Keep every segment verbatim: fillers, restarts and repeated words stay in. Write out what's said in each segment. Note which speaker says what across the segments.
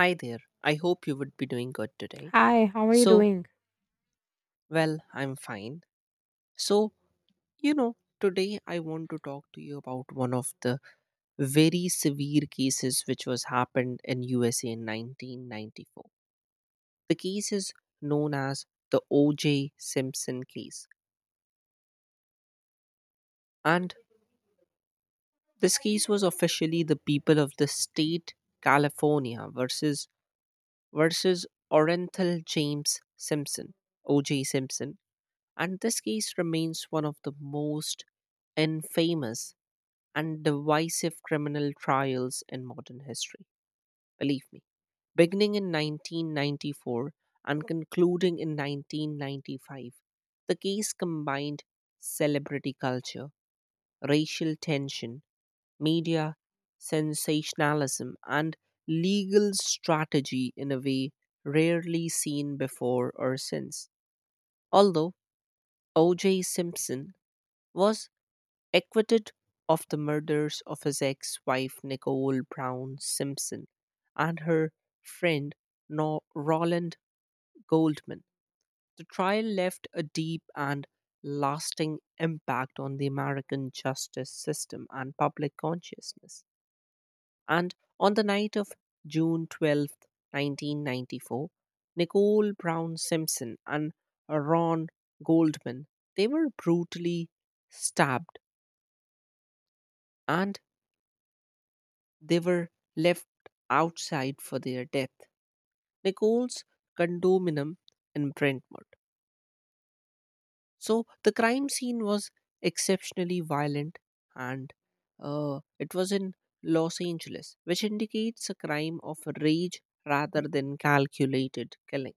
Speaker 1: Hi there. I hope you would be doing good today.
Speaker 2: Hi, how are you
Speaker 1: So,
Speaker 2: doing?
Speaker 1: well, I'm fine. So, you know, today I want to talk to you about one of the very severe cases which was happened in U S A in nineteen ninety-four. The case is known as the O J. Simpson case. And this case was officially the people of the state California versus versus Orenthal James Simpson, O J. Simpson. And this case remains one of the most infamous and divisive criminal trials in modern history, believe me. Beginning in nineteen ninety-four and concluding in nineteen ninety-five, the case combined celebrity culture, racial tension, media sensationalism, and legal strategy in a way rarely seen before or since. Although O J. Simpson was acquitted of the murders of his ex wife Nicole Brown Simpson and her friend no- Roland Goldman. The trial left a deep and lasting impact on the American justice system and public consciousness. And on the night of June twelfth, nineteen ninety-four, Nicole Brown Simpson and Ron Goldman, they were brutally stabbed and they were left outside for their death. Nicole's condominium in Brentwood. So the crime scene was exceptionally violent, and uh, it was in Los Angeles, which indicates a crime of rage rather than calculated killing.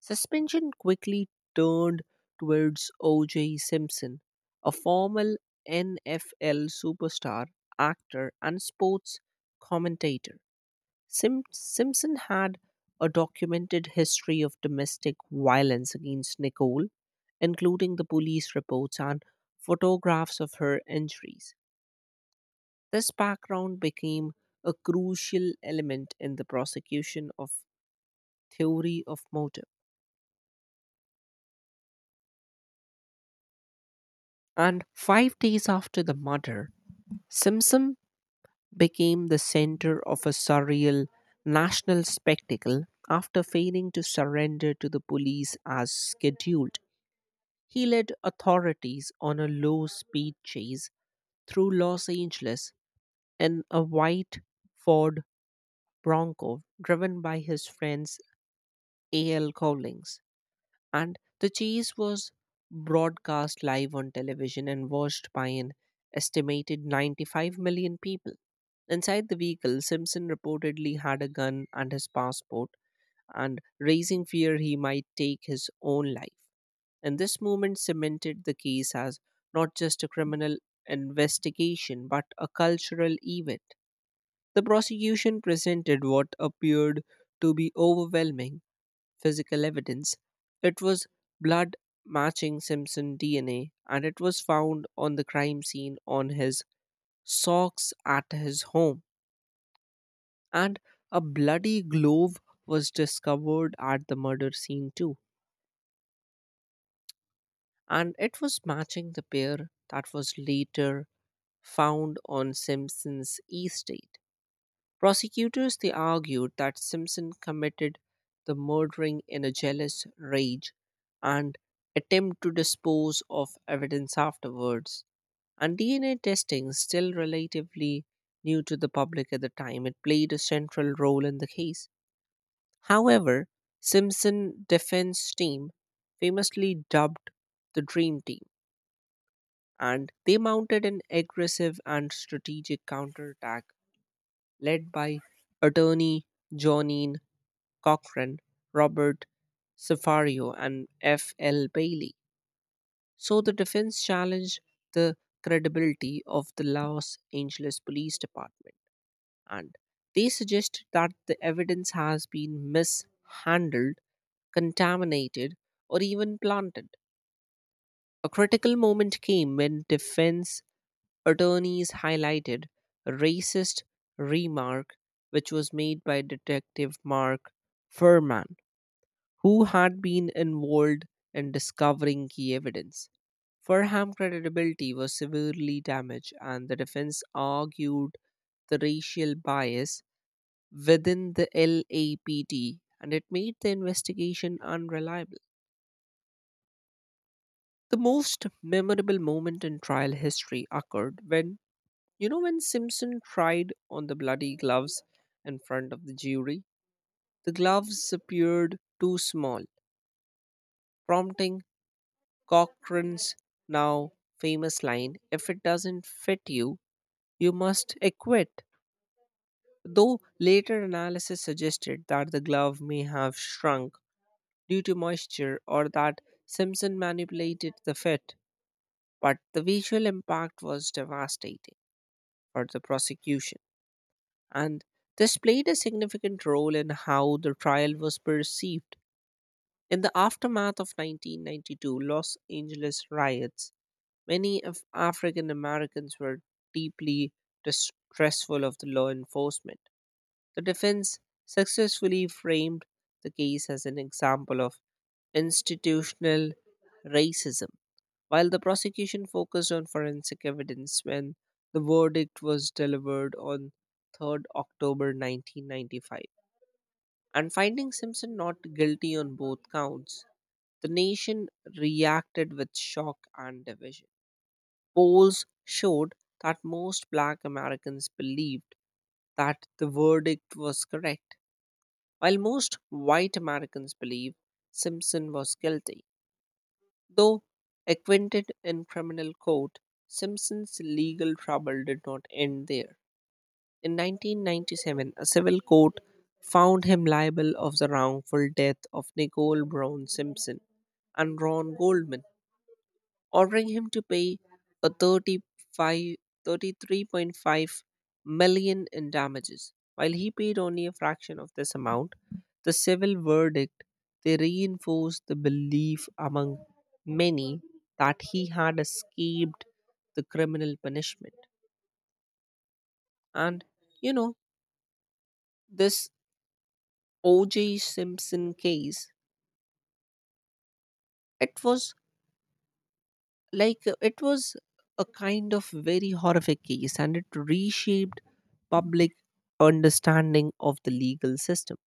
Speaker 1: Suspension quickly turned towards O J. Simpson, a former N F L superstar, actor, and sports commentator. Sim- Simpson had a documented history of domestic violence against Nicole, including the police reports and photographs of her injuries. This background became a crucial element in the prosecution of theory of motive. And five days after the murder, Simpson became the center of a surreal national spectacle after failing to surrender to the police as scheduled. He led authorities on a low speed chase through Los Angeles in a white Ford Bronco driven by his friends A L. Collins. And the chase was broadcast live on television and watched by an estimated ninety-five million people. Inside the vehicle, Simpson reportedly had a gun and his passport, and raising fear he might take his own life. And this movement cemented the case as not just a criminal investigation, but a cultural event. The prosecution presented what appeared to be overwhelming physical evidence. It was blood matching Simpson D N A, and it was found on the crime scene on his socks at his home. And a bloody glove was discovered at the murder scene, too, and it was matching the pair that was later found on Simpson's estate. Prosecutors they argued that Simpson committed the murdering in a jealous rage and attempt to dispose of evidence afterwards. And D N A testing, still relatively new to the public at the time, it played a central role in the case. However, Simpson defense team famously dubbed the dream team and they mounted an aggressive and strategic counterattack led by attorney Johnine Cochran, Robert Cefario, and F L. Bailey. So the defense challenged the credibility of the Los Angeles Police Department and they suggested that the evidence has been mishandled, contaminated, or even planted. A critical moment came when defense attorneys highlighted a racist remark which was made by Detective Mark Furman, who had been involved in discovering key evidence. Furham's credibility was severely damaged, and the defense argued the racial bias within the L A P D, and it made the investigation unreliable. The most memorable moment in trial history occurred when, You know, when Simpson tried on the bloody gloves in front of the jury, the gloves appeared too small, prompting Cochrane's now famous line, if it doesn't fit you, you must acquit. Though later analysis suggested that the glove may have shrunk due to moisture or that Simpson manipulated the fit, but the visual impact was devastating for the prosecution, and this played a significant role in how the trial was perceived. In the aftermath of nineteen ninety-two Los Angeles riots, many of African Americans were deeply distrustful of the law enforcement. The defense successfully framed the case as an example of institutional racism while the prosecution focused on forensic evidence when the verdict was delivered on third of October nineteen ninety-five and finding Simpson not guilty on both counts, the nation reacted with shock and division. Polls showed that most black Americans believed that the verdict was correct, while most white Americans believed Simpson was guilty. Though acquainted in criminal court, Simpson's legal trouble did not end there. In nineteen ninety-seven, a civil court found him liable of the wrongful death of Nicole Brown Simpson and Ron Goldman, ordering him to pay a thirty-five, thirty-three point five million in damages. While he paid only a fraction of this amount, the civil verdict they reinforced the belief among many that he had escaped the criminal punishment. And you know, this O J. Simpson case, it was Like uh, it was a kind of very horrific case and it reshaped public understanding of the legal system,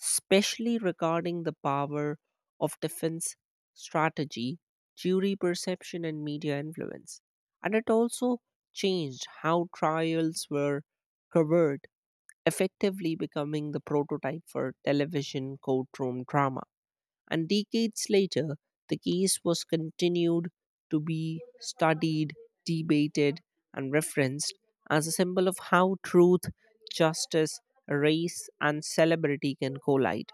Speaker 1: especially regarding the power of defense strategy, jury perception, and media influence. And it also changed how trials were covered, effectively becoming the prototype for television courtroom drama. And decades later, the case was continued to be studied, debated, and referenced as a symbol of how truth, justice, race, and celebrity can collide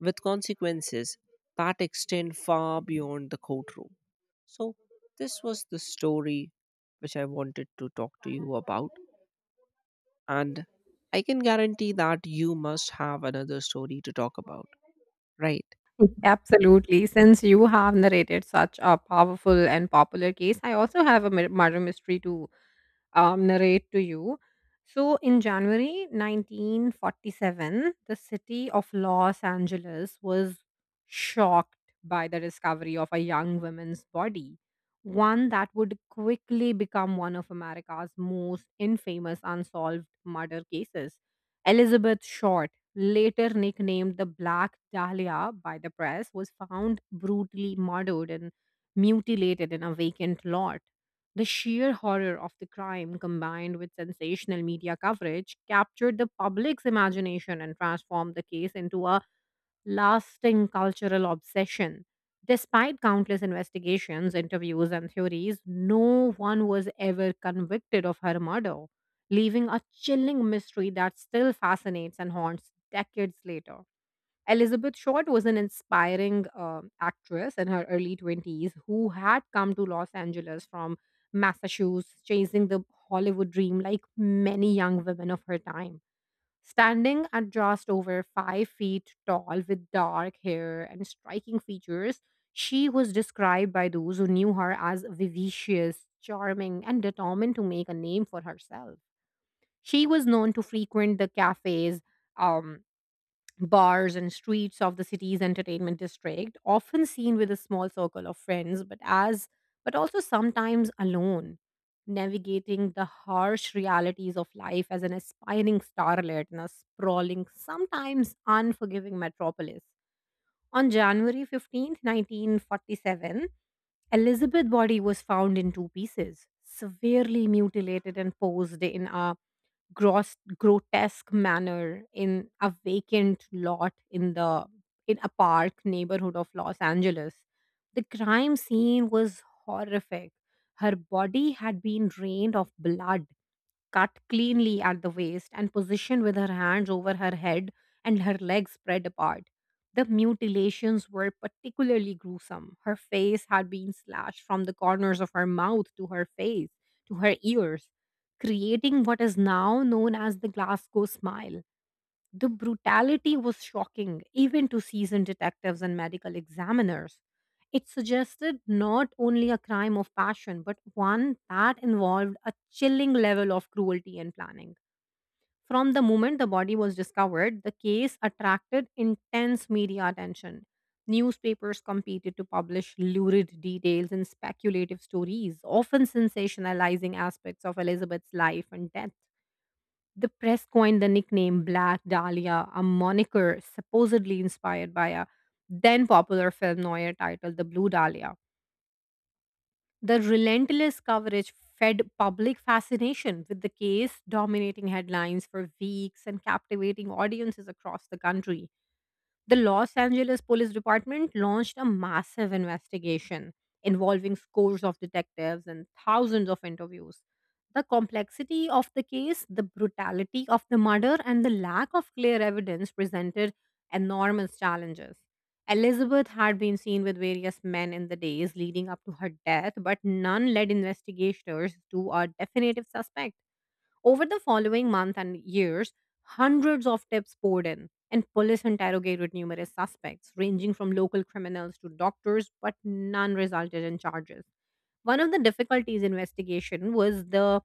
Speaker 1: with consequences that extend far beyond the courtroom. So, this was the story which I wanted to talk to you about, and I can guarantee that you must have another story to talk about, right?
Speaker 2: Absolutely. Since you have narrated such a powerful and popular case, I also have a mi- murder mystery to. um, narrate to you. So, in January nineteen forty-seven, the city of Los Angeles was shocked by the discovery of a young woman's body, one that would quickly become one of America's most infamous unsolved murder cases. Elizabeth Short, later nicknamed the Black Dahlia by the press, was found brutally murdered and mutilated in a vacant lot. The sheer horror of the crime, combined with sensational media coverage, captured the public's imagination and transformed the case into a lasting cultural obsession. Despite countless investigations, interviews, and theories, no one was ever convicted of her murder, leaving a chilling mystery that still fascinates and haunts decades later. Elizabeth Short was an inspiring um actress in her early twenties who had come to Los Angeles from Massachusetts, chasing the Hollywood dream like many young women of her time. Standing at just over five feet tall with dark hair and striking features, she was described by those who knew her as vivacious, charming, and determined to make a name for herself. She was known to frequent the cafes. Um, Bars and streets of the city's entertainment district, often seen with a small circle of friends, but as but also sometimes alone, navigating the harsh realities of life as an aspiring starlet in a sprawling, sometimes unforgiving metropolis. On January fifteenth, nineteen forty-seven, Elizabeth body was found in two pieces, severely mutilated and posed in a gross grotesque manner in a vacant lot in the in a park neighborhood of Los Angeles. The crime scene was horrific. Her body had been drained of blood, cut cleanly at the waist and positioned with her hands over her head and her legs spread apart. The mutilations were particularly gruesome. Her face had been slashed from the corners of her mouth to her face, to her ears, creating what is now known as the Glasgow smile. The brutality was shocking, even to seasoned detectives and medical examiners. It suggested not only a crime of passion, but one that involved a chilling level of cruelty and planning. From the moment the body was discovered, the case attracted intense media attention. Newspapers competed to publish lurid details and speculative stories, often sensationalizing aspects of Elizabeth's life and death. The press coined the nickname Black Dahlia, a moniker supposedly inspired by a then popular film noir titled The Blue Dahlia. The relentless coverage fed public fascination with the case, dominating headlines for weeks and captivating audiences across the country. The Los Angeles Police Department launched a massive investigation involving scores of detectives and thousands of interviews. The complexity of the case, the brutality of the murder, and the lack of clear evidence presented enormous challenges. Elizabeth had been seen with various men in the days leading up to her death, but none led investigators to a definitive suspect. Over the following month and years, hundreds of tips poured in, and police interrogated numerous suspects, ranging from local criminals to doctors, but none resulted in charges. One of the difficulties investigation was the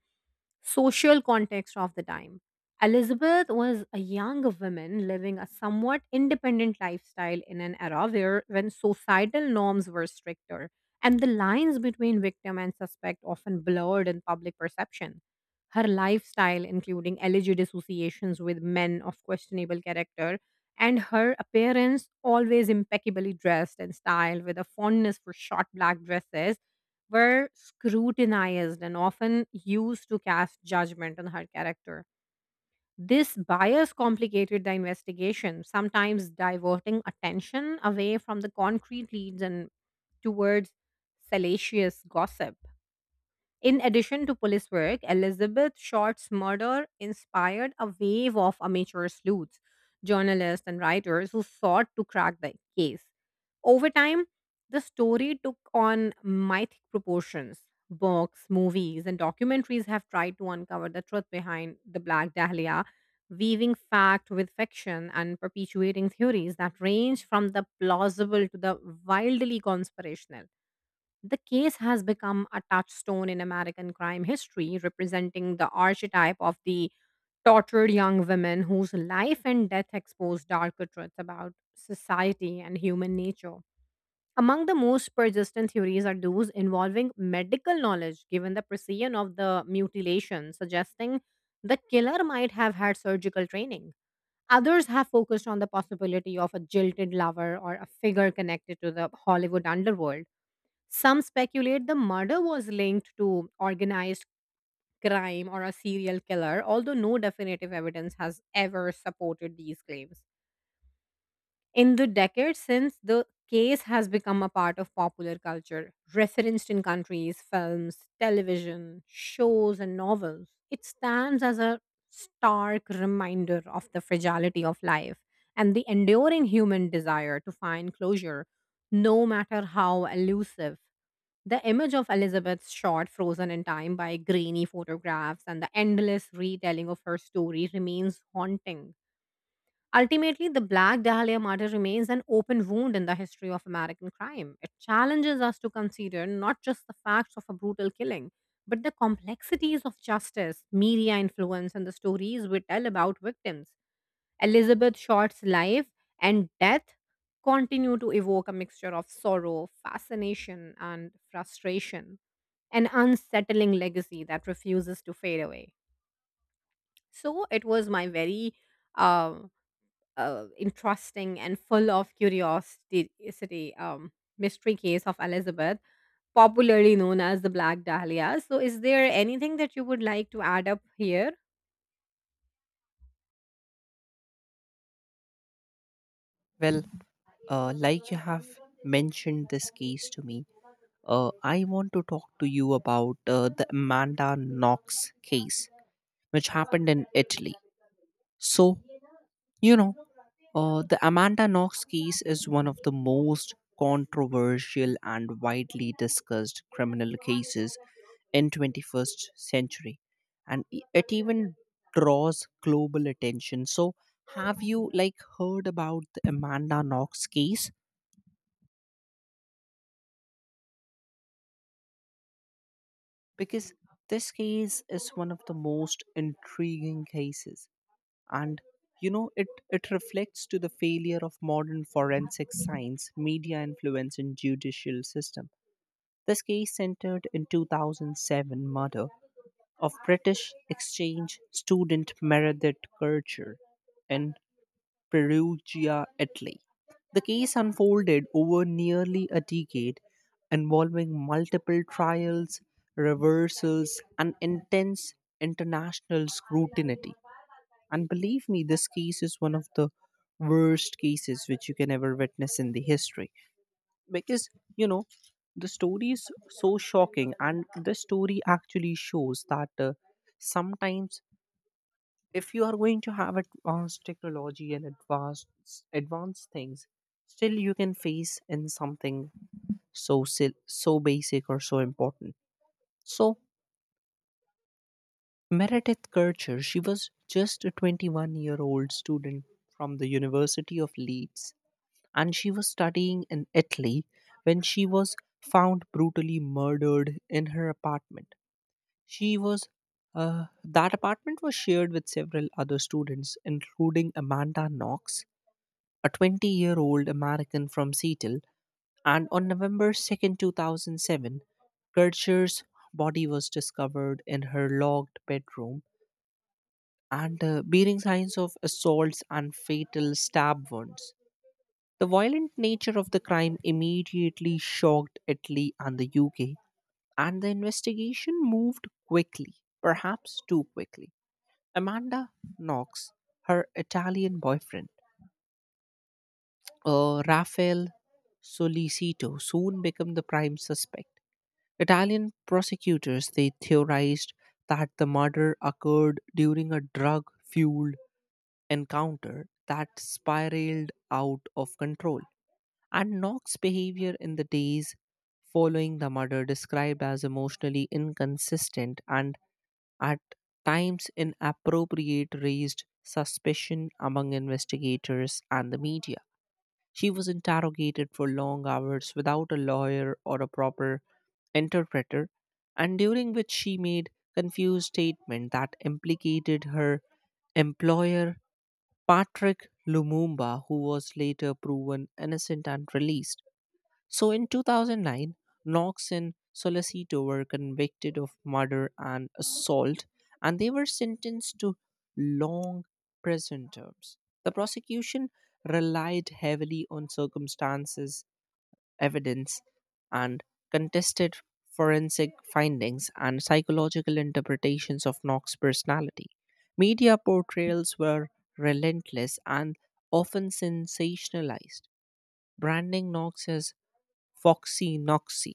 Speaker 2: social context of the time. Elizabeth was a young woman living a somewhat independent lifestyle in an era where when societal norms were stricter and the lines between victim and suspect often blurred in public perception. Her lifestyle, including alleged associations with men of questionable character, and her appearance, always impeccably dressed and styled with a fondness for short black dresses, were scrutinized and often used to cast judgment on her character. This bias complicated the investigation, sometimes diverting attention away from the concrete leads and towards salacious gossip. In addition to police work, Elizabeth Short's murder inspired a wave of amateur sleuths, journalists, and writers who sought to crack the case. Over time, the story took on mythic proportions. Books, movies, and documentaries have tried to uncover the truth behind the Black Dahlia, weaving fact with fiction and perpetuating theories that range from the plausible to the wildly conspirational. The case has become a touchstone in American crime history, representing the archetype of the tortured young women whose life and death expose darker truths about society and human nature. Among the most persistent theories are those involving medical knowledge, given the precision of the mutilation, suggesting the killer might have had surgical training. Others have focused on the possibility of a jilted lover or a figure connected to the Hollywood underworld. Some speculate the murder was linked to organized crime or a serial killer, although no definitive evidence has ever supported these claims. In the decades since, the case has become a part of popular culture, referenced in countries, films, television, shows, and novels. It stands as a stark reminder of the fragility of life and the enduring human desire to find closure, no matter how elusive. The image of Elizabeth's short, frozen in time by grainy photographs, and the endless retelling of her story remains haunting. Ultimately, the Black Dahlia murder remains an open wound in the history of American crime. It challenges us to consider not just the facts of a brutal killing, but the complexities of justice, media influence, and the stories we tell about victims. Elizabeth Short's life and death continue to evoke a mixture of sorrow, fascination, and frustration, an unsettling legacy that refuses to fade away. So, it was my very uh uh, interesting and full of curiosity um, mystery case of Elizabeth, popularly known as the Black Dahlia. So, is there anything that you would like to add up here?
Speaker 1: Well, uh, like you have mentioned this case to me, uh, I want to talk to you about uh, the Amanda Knox case, which happened in Italy. So, you know, uh, the Amanda Knox case is one of the most controversial and widely discussed criminal cases in twenty-first century, and e- it even draws global attention. So have you like heard about the Amanda Knox case? Because this case is one of the most intriguing cases, and you know it it reflects to the failure of modern forensic science, media influence, and judicial system. This case centered in twenty oh seven murder of British exchange student Meredith Kircher in Perugia, Italy. The case unfolded over nearly a decade, involving multiple trials, reversals, and intense international scrutiny. And believe me, this case is one of the worst cases which you can ever witness in the history. Because, you know, the story is so shocking, and this story actually shows that uh, sometimes if you are going to have advanced technology and advanced advanced things, still you can face in something so sil- so basic or so important. So Meredith Kircher, she was just a twenty-one year old year old student from the University of Leeds, and she was studying in Italy when she was found brutally murdered in her apartment. She was uh, that apartment was shared with several other students including Amanda Knox, a twenty year old year old American from Seattle, and on November second, two thousand seven, Kircher's body was discovered in her locked bedroom and uh, bearing signs of assaults and fatal stab wounds. The violent nature of the crime immediately shocked Italy and the U K, and the investigation moved quickly, perhaps too quickly. Amanda Knox, her Italian boyfriend, uh, Rafael Solicito soon became the prime suspect. Italian prosecutors they theorized that the murder occurred during a drug-fueled encounter that spiraled out of control. And Knox's behavior in the days following the murder described as emotionally inconsistent and at times inappropriate raised suspicion among investigators and the media. She was interrogated for long hours without a lawyer or a proper interpreter, and during which she made confused statements that implicated her employer Patrick Lumumba, who was later proven innocent and released. So in two thousand nine, Knox and Solicito were convicted of murder and assault, and they were sentenced to long prison terms. The prosecution relied heavily on circumstances, evidence, and contested forensic findings and psychological interpretations of Knox's personality. Media portrayals were relentless and often sensationalized, branding Knox as Foxy Noxy,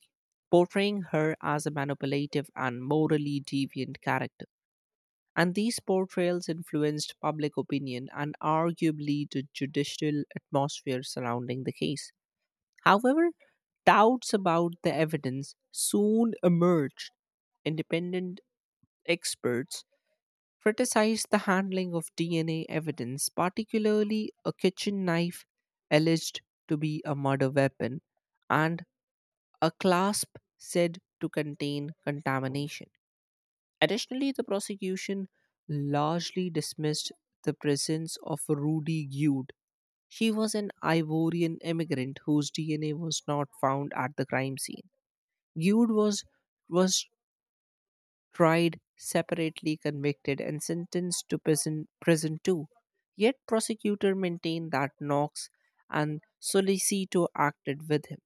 Speaker 1: portraying her as a manipulative and morally deviant character. And these portrayals influenced public opinion and arguably the judicial atmosphere surrounding the case. However, doubts about the evidence soon emerged. Independent experts criticized the handling of D N A evidence, particularly a kitchen knife alleged to be a murder weapon, and a clasp said to contain contamination. Additionally, the prosecution largely dismissed the presence of Rudy Gude. She was an Ivorian immigrant whose D N A was not found at the crime scene. Gude was was tried separately, convicted, and sentenced to prison prison too. Yet prosecutor maintained that Knox and Solicito acted with him.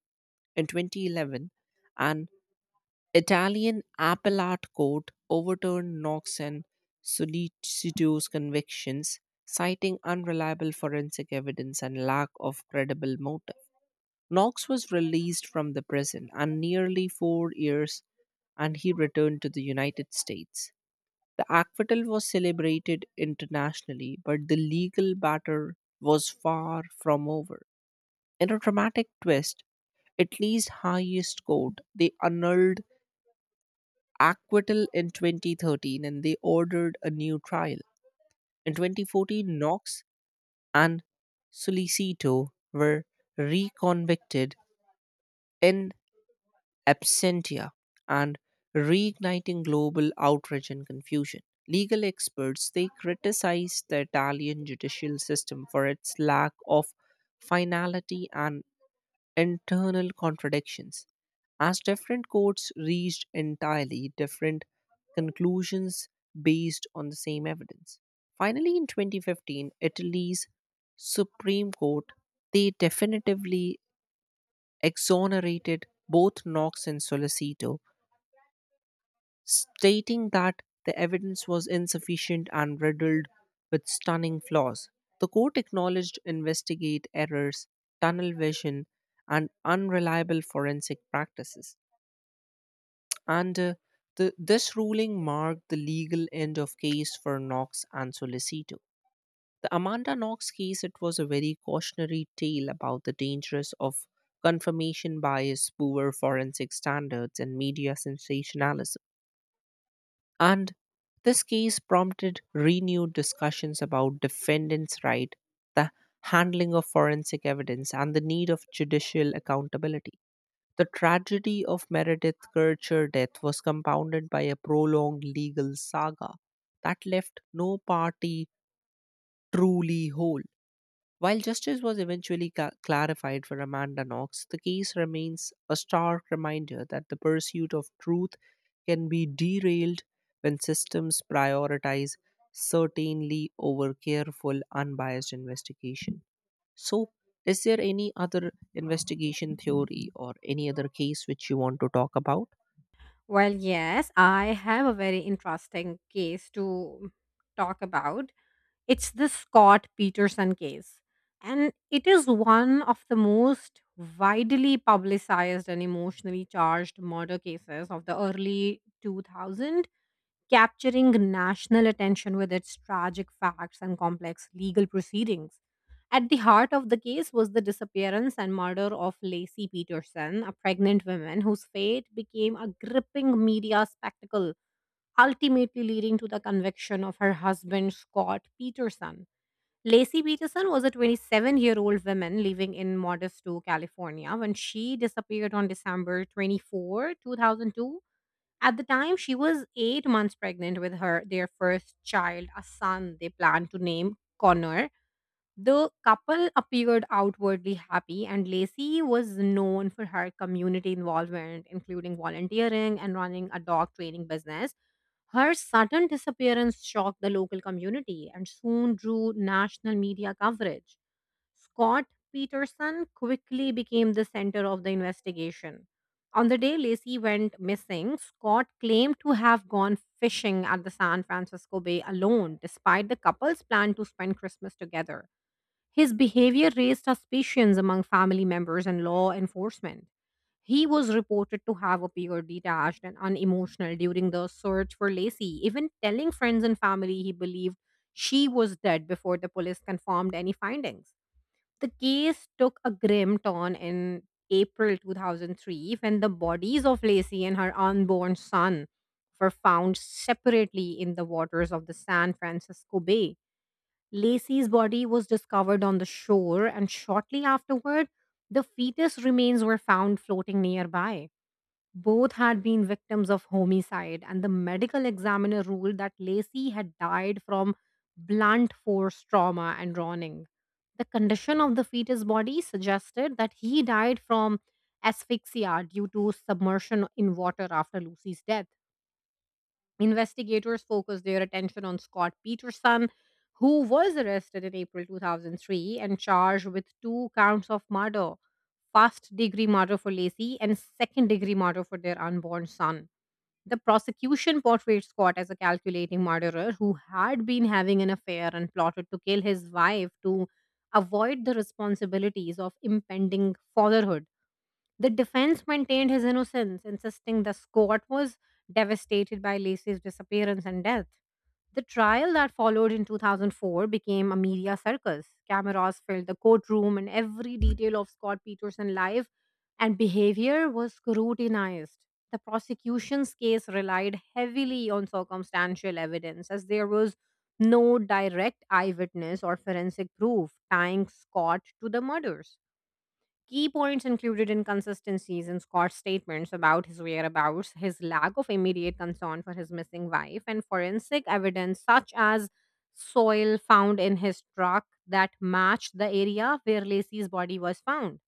Speaker 1: In twenty eleven, an Italian appellate court overturned Knox and Solicito's convictions, citing unreliable forensic evidence and lack of credible motive. Knox was released from the prison and nearly four years and he returned to the United States. The acquittal was celebrated internationally, but the legal battle was far from over. In a dramatic twist, Italy's highest court, they annulled acquittal in twenty thirteen and they ordered a new trial. In twenty fourteen, Knox and Solicito were reconvicted in absentia and reigniting global outrage and confusion. Legal experts they criticized the Italian judicial system for its lack of finality and internal contradictions, as different courts reached entirely different conclusions based on the same evidence. Finally, in twenty fifteen, Italy's Supreme Court they definitively exonerated both Knox and Solicito stating that the evidence was insufficient and riddled with stunning flaws. The court acknowledged investigate errors, tunnel vision, and unreliable forensic practices. And uh, the, this ruling marked the legal end of case for Knox and Solicito. The Amanda Knox case it was a very cautionary tale about the dangers of confirmation bias, poor forensic standards, and media sensationalism. And this case prompted renewed discussions about defendants' right, the handling of forensic evidence, and the need of judicial accountability. The tragedy of Meredith Kircher death was compounded by a prolonged legal saga that left no party truly whole. While justice was eventually ca- clarified for Amanda Knox, the case remains a stark reminder that the pursuit of truth can be derailed when systems prioritize certainly over careful, unbiased investigation. So, is there any other investigation theory or any other case which you want to talk about?
Speaker 2: Well, yes, I have a very interesting case to talk about. It's the Scott Peterson case, and it is one of the most widely publicized and emotionally charged murder cases of the early two thousands, capturing national attention with its tragic facts and complex legal proceedings. At the heart of the case was the disappearance and murder of Lacey Peterson, a pregnant woman whose fate became a gripping media spectacle, ultimately leading to the conviction of her husband, Scott Peterson. Lacey Peterson was a twenty-seven year old woman living in Modesto, California, when she disappeared on December twenty-fourth, two thousand two. At the time, she was eight months pregnant with her their first child, a son they planned to name Connor. The couple appeared outwardly happy, and Lacey was known for her community involvement, including volunteering and running a dog training business. Her sudden disappearance shocked the local community and soon drew national media coverage. Scott Peterson quickly became the center of the investigation. On the day Lacey went missing, Scott claimed to have gone fishing at the San Francisco Bay alone, despite the couple's plan to spend Christmas together. His behavior raised suspicions among family members and law enforcement. He was reported to have appeared detached and unemotional during the search for Lacey, even telling friends and family he believed she was dead before the police confirmed any findings. The case took a grim turn in April two thousand three, when the bodies of Lacey and her unborn son were found separately in the waters of the San Francisco Bay. Lacey's body was discovered on the shore, and shortly afterward, the fetus remains were found floating nearby. Both had been victims of homicide, and the medical examiner ruled that Lacey had died from blunt force trauma and drowning. The condition of the fetus body suggested that he died from asphyxia due to submersion in water after Lucy's death. Investigators focused their attention on Scott Peterson, who was arrested in April two thousand three and charged with two counts of murder, first degree murder for Lacey and second degree murder for their unborn son. The prosecution portrayed Scott as a calculating murderer who had been having an affair and plotted to kill his wife to avoid the responsibilities of impending fatherhood. The defense maintained his innocence, insisting the Scot was devastated by Lacey's disappearance and death. The trial that followed in two thousand four became a media circus. Cameras filled the courtroom, and every detail of Scott Peterson's life and behavior was scrutinized. The prosecution's case relied heavily on circumstantial evidence, as there was no direct eyewitness or forensic proof tying Scott to the murders. Key points included inconsistencies in Scott's statements about his whereabouts, his lack of immediate concern for his missing wife, and forensic evidence such as soil found in his truck that matched the area where Lacey's body was found.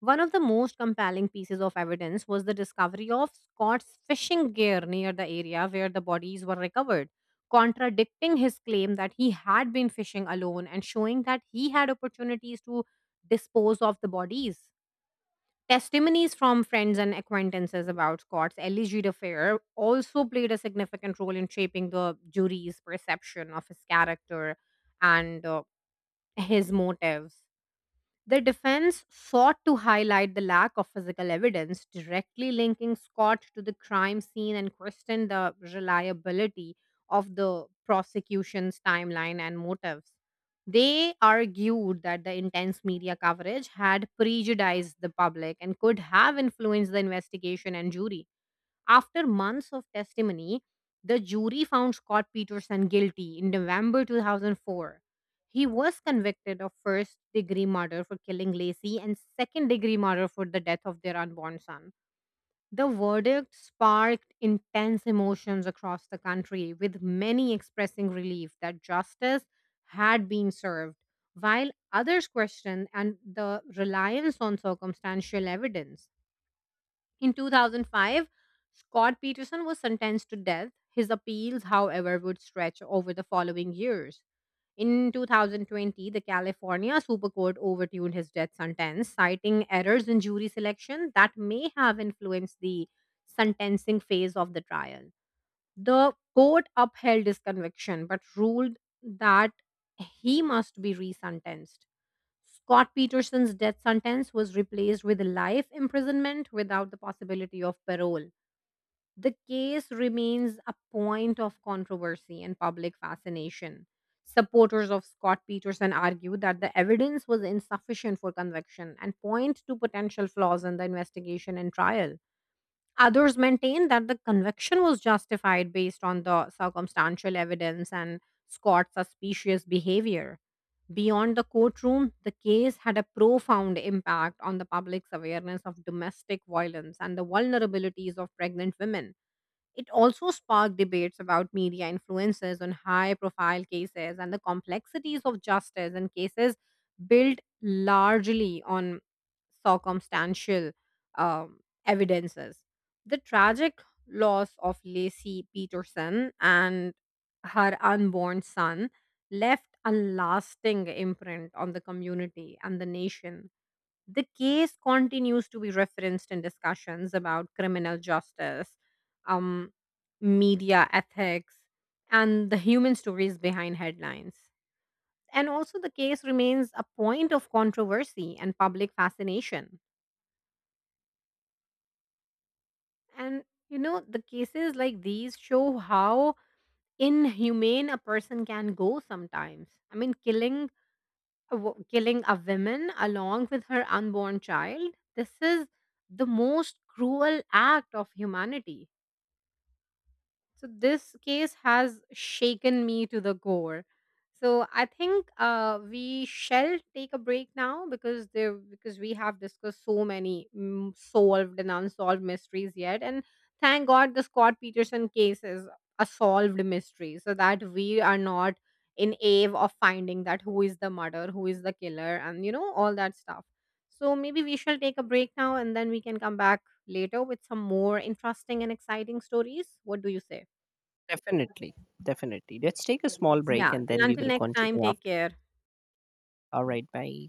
Speaker 2: One of the most compelling pieces of evidence was the discovery of Scott's fishing gear near the area where the bodies were recovered, contradicting his claim that he had been fishing alone and showing that he had opportunities to dispose of the bodies. Testimonies from friends and acquaintances about Scott's alleged affair also played a significant role in shaping the jury's perception of his character and uh, his motives. The defense sought to highlight the lack of physical evidence directly linking Scott to the crime scene and questioned the reliability of the prosecution's timeline and motives. They argued that the intense media coverage had prejudiced the public and could have influenced the investigation and jury. After months of testimony, the jury found Scott Peterson guilty in November two thousand four. He was convicted of first degree murder for killing Lacey and second degree murder for the death of their unborn son. The verdict sparked intense emotions across the country, with many expressing relief that justice had been served, while others questioned and the reliance on circumstantial evidence. In two thousand five, Scott Peterson was sentenced to death. His appeals, however, would stretch over the following years. In two thousand twenty, the California Super Court overturned his death sentence, citing errors in jury selection that may have influenced the sentencing phase of the trial. The court upheld his conviction but ruled that he must be resentenced. Scott Peterson's death sentence was replaced with life imprisonment without the possibility of parole. The case remains a point of controversy and public fascination. Supporters of Scott Peterson argue that the evidence was insufficient for conviction and point to potential flaws in the investigation and trial. Others maintain that the conviction was justified based on the circumstantial evidence and Scott's suspicious behavior. Beyond the courtroom, the case had a profound impact on the public's awareness of domestic violence and the vulnerabilities of pregnant women. It also sparked debates about media influences on high profile cases and the complexities of justice in cases built largely on circumstantial um, evidences. The tragic loss of Lacey Peterson and her unborn son left a lasting imprint on the community and the nation. The case continues to be referenced in discussions about criminal justice, um, media ethics, and the human stories behind headlines. And also, the case remains a point of controversy and public fascination. And, you know, the cases like these show how inhumane a person can go sometimes. I mean, killing wo- killing a woman along with her unborn child. This is the most cruel act of humanity. So this case has shaken me to the core. So I think uh, we shall take a break now because there because we have discussed so many mm, solved and unsolved mysteries yet, and thank God the Scott Peterson case is a solved mystery, so that we are not in awe of finding that who is the murderer, who is the killer, and you know all that stuff. So maybe we shall take a break now, and then we can come back later with some more interesting and exciting stories. What do you say?
Speaker 1: Definitely, definitely. Let's take a small
Speaker 2: Yeah.
Speaker 1: break and
Speaker 2: Till
Speaker 1: then we
Speaker 2: Until
Speaker 1: will
Speaker 2: next time,
Speaker 1: continue
Speaker 2: take
Speaker 1: after.
Speaker 2: care.
Speaker 1: All right, bye.